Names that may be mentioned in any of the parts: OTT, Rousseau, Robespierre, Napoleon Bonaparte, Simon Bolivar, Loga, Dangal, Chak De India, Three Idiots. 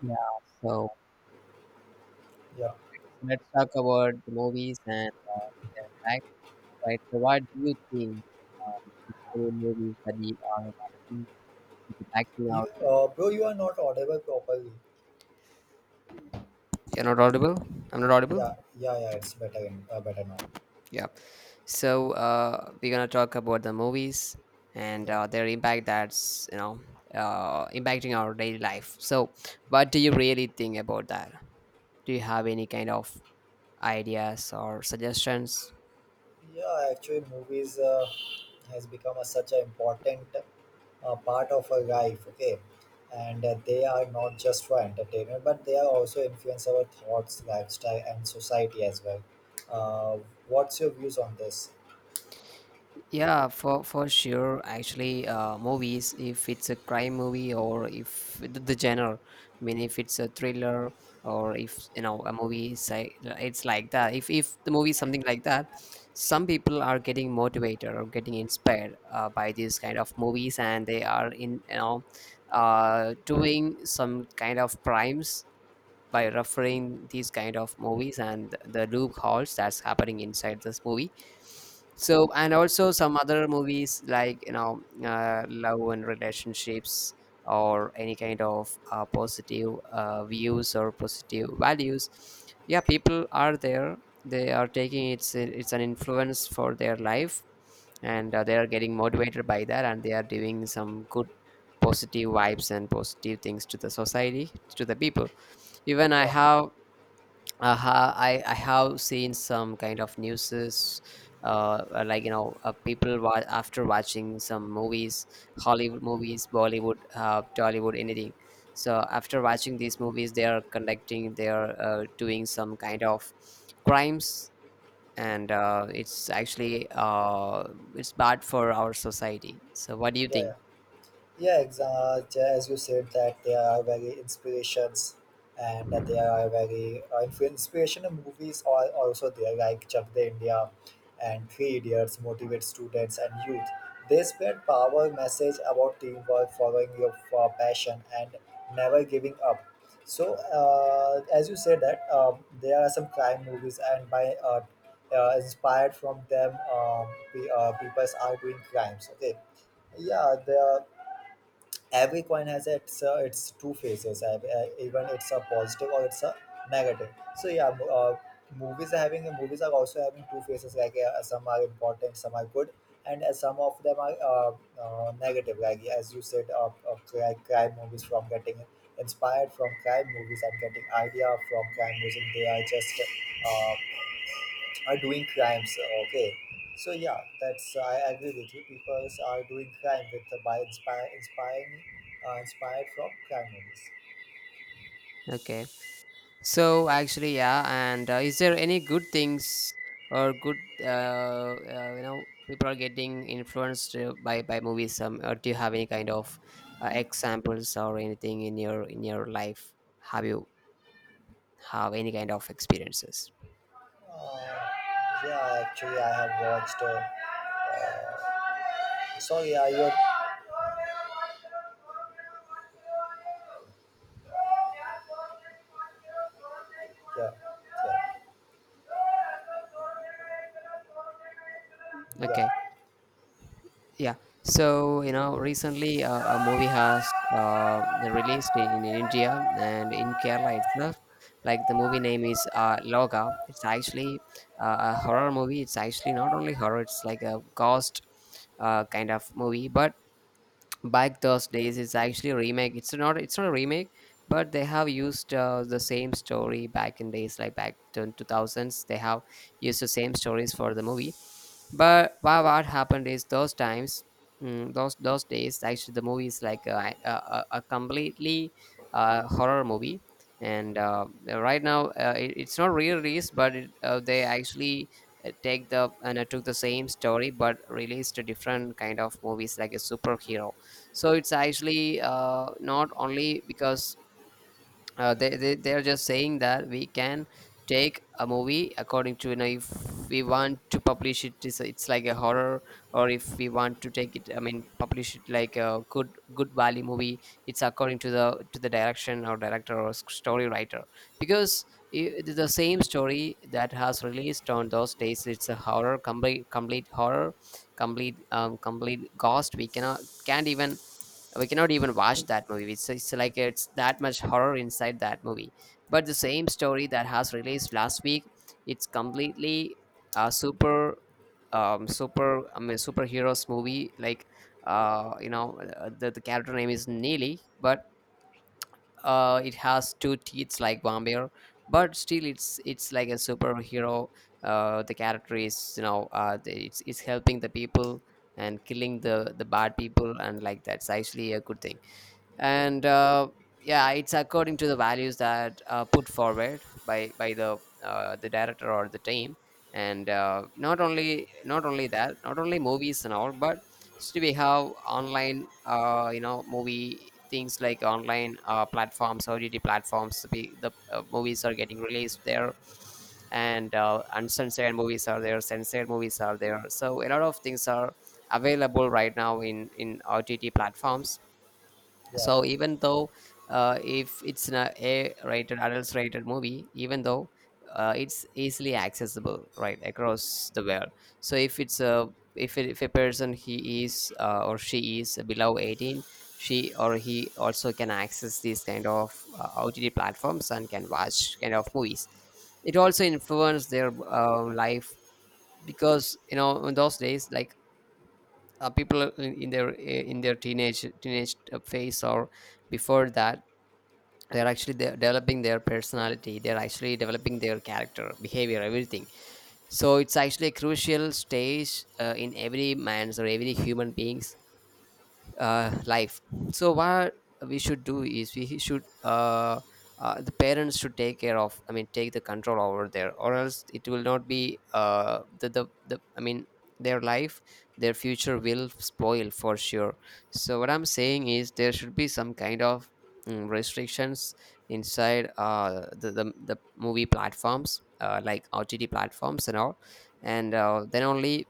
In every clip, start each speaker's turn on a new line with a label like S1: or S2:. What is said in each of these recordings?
S1: Yeah, so
S2: Yeah,
S1: let's talk about the movies and back, right? So, what do you think? Is any movies that we are actually sitting backing
S2: you,
S1: out?
S2: bro, you are not audible properly.
S1: You're not audible. I'm not audible.
S2: Yeah, yeah, yeah. It's better, better now.
S1: Yeah. So, we're gonna talk about the movies and
S2: Yeah,
S1: their impact. That's, impacting our daily life. So, what do you really think about that? Do you have any kind of ideas or suggestions?
S2: yeah. Actually, movies has become such an important part of our life. Okay, and they are not just for entertainment, but they are also influence our thoughts, lifestyle, and society as well. Uh, what's your views on this?
S1: Yeah, for sure. Actually, movies, if it's a crime movie or if the genre, I mean, if it's a thriller or if a movie, say it's like that. If the movie is something like that, some people are getting motivated or getting inspired by these kind of movies, and they are doing some kind of crimes by referring these kind of movies and the loopholes that's happening inside this movie. So, and also some other movies like, love and relationships, or any kind of positive views or positive values. Yeah, people are there, they are taking, it's an influence for their life, and they are getting motivated by that, and they are doing some good positive vibes and positive things to the society, to the people. even i
S2: Yeah,
S1: have uh, ha- I, I have seen some kind of newses, like, people, after watching some movies, Hollywood movies, Bollywood, Tollywood, anything. So after watching these movies, they are doing some kind of crimes, and it's actually, it's bad for our society. So what do you
S2: yeah, yeah.
S1: think?
S2: Yeah, exactly. As you said, that they are very inspirations, and that they are very inspirational movies are also there, like Chak De India and Three Idiots motivate students and youth. They spread power message about teamwork, following your passion, and never giving up. So, as you said that there are some crime movies, and by inspired from them, people are doing crimes. Okay, yeah, there every coin has its two faces even it's a positive or it's a negative. So yeah, movies are also having two faces like, yeah, some are important, some are good, and some of them are negative, like as you said of crime movies, from getting inspired from crime movies and getting idea from crime movies, they are just uh, are doing crimes. Okay, so yeah, that's, I agree with you, people are doing crime with by inspiring inspired from crime movies.
S1: Okay. So actually, yeah. And is there any good things, or people are getting influenced by movies? Or do you have any kind of examples or anything in your life? Have you have any kind of experiences?
S2: uh, yeah, actually I have watched sorry I your yeah yeah
S1: Okay. Yeah. So, recently, a movie has released in India, and in Kerala itself. Like, the movie
S2: yeah
S1: name is Loga. It's actually a horror movie. It's actually not only horror, it's like a ghost kind of movie. But back those days, it's actually a remake. It's not a remake, but they have used the same story back in days like back in 2000s. They have used the same stories for the movie, but, what happened is those times, those days, actually the movie is like a completely horror movie. And right now, it's not re-released, but they actually take the and took the same story but released a different kind of movies like a superhero. So it's actually not only because they are just saying that we can take a movie according to, if we want to publish it, it's like a horror, or if we want to take it, I mean publish it, like a good value movie. It's according to the direction or director or story writer, because the same story that has released on those days, it's a horror, complete horror, complete ghost. We cannot, can't even, we cannot even watch that movie. It's like it's that much horror inside that movie. But the same story that has released last week, it's completely a super, I mean, superheroes movie, like, the character name is Neely, but it has two teeth like vampire, but still it's like a superhero. The character is, it's helping the people and killing the bad people, and like, that's actually a good thing. And yeah, it's according to the values that are put forward by the director or the team. And not only that, not only movies and all, but still we have online, movie things like online platforms, OTT platforms. The movies are getting released there, and uncensored movies are there, censored movies are there, so a lot of things are available right now in OTT platforms.
S2: yeah
S1: So even though, if it's an a rated adults rated movie, even though it's easily accessible right across the world. So if it's a if, it, if a person, he is or she is below 18, she or he also can access these kind of OTT platforms and can watch kind of movies. It also influenced their life. Because in those days, like, people in their teenage phase, or before that, they're actually developing their personality, they're actually developing their character, behavior, everything. So it's actually a crucial stage in every man's or every human beings life. So what we should do is, we should the parents should take care of. I mean, take the control over there, or else it will not be the I mean, their life, their future will spoil for sure. So what I'm saying is there should be some kind of restrictions inside the movie platforms like OTT platforms and all, and then only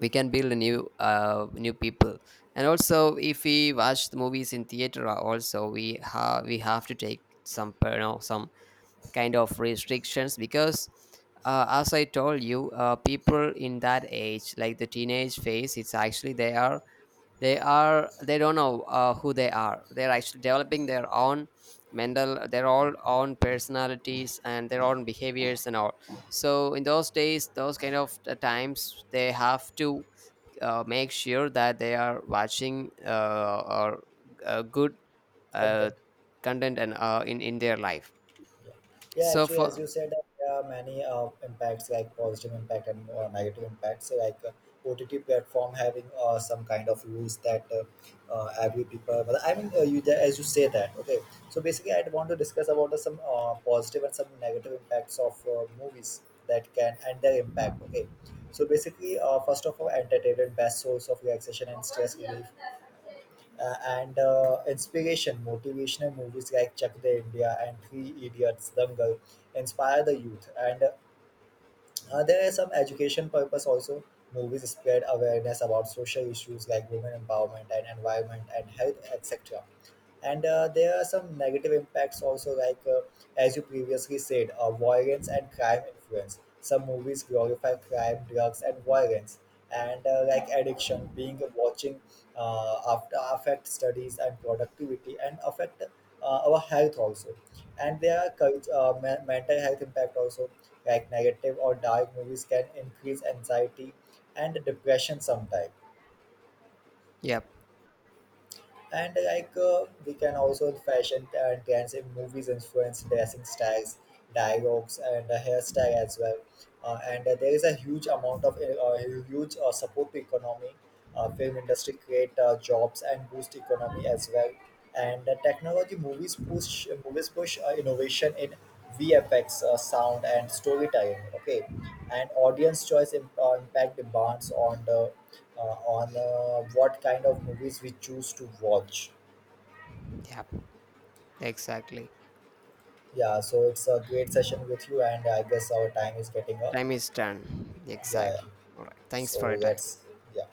S1: we can build a new people. And also if we watch the movies in theater, also we have to take some, some kind of restrictions, because as I told you, people in that age like the teenage phase, it's actually, they are they don't know who they are, they're actually developing their own mental, their all own personalities and their own behaviors and all. So in those days, those kind of times, they have to make sure that they are watching, or good uh,
S2: content
S1: content, and in their life.
S2: yeah yeah.
S1: So
S2: Actually, as
S1: for
S2: you said, there are many impacts like positive impact and negative impacts. So, like, OTT platform having some kind of rules that, every people, well, I mean, you, as you say that, okay. So basically I want to discuss about the, some positive and some negative impacts of movies that can and their impact. Okay, so basically, first of all, entertainment, best source of relaxation and stress relief, and inspiration, motivational movies like Chak De India and Three Idiots Dangal inspire the youth, and there are some education purpose also. Movies spread awareness about social issues like women empowerment and environment and health, etc. And there are some negative impacts also, like, as you previously said, violence and crime influence. Some movies glorify crime, drugs, and violence, and, like addiction, being watching after affect studies and productivity, and affect our health also, and their mental health impact also, like negative or dark movies can increase anxiety and depression sometimes.
S1: Yep.
S2: And like, we can also fashion and trends in movies influence dressing styles, dialogues, and hairstyle as well. And There is a huge amount of huge support to economy. Film industry create jobs and boost economy as well. And technology, movies push innovation in VFX, sound and storytelling. Okay, and audience choice impact demands on the, on what kind of movies we choose to watch.
S1: Yep. Exactly.
S2: Yeah, so it's a great session with you, and I guess our time is getting up.
S1: Time is done,
S2: Yeah,
S1: exactly. All right, thanks for your
S2: so
S1: time.
S2: that's yeah.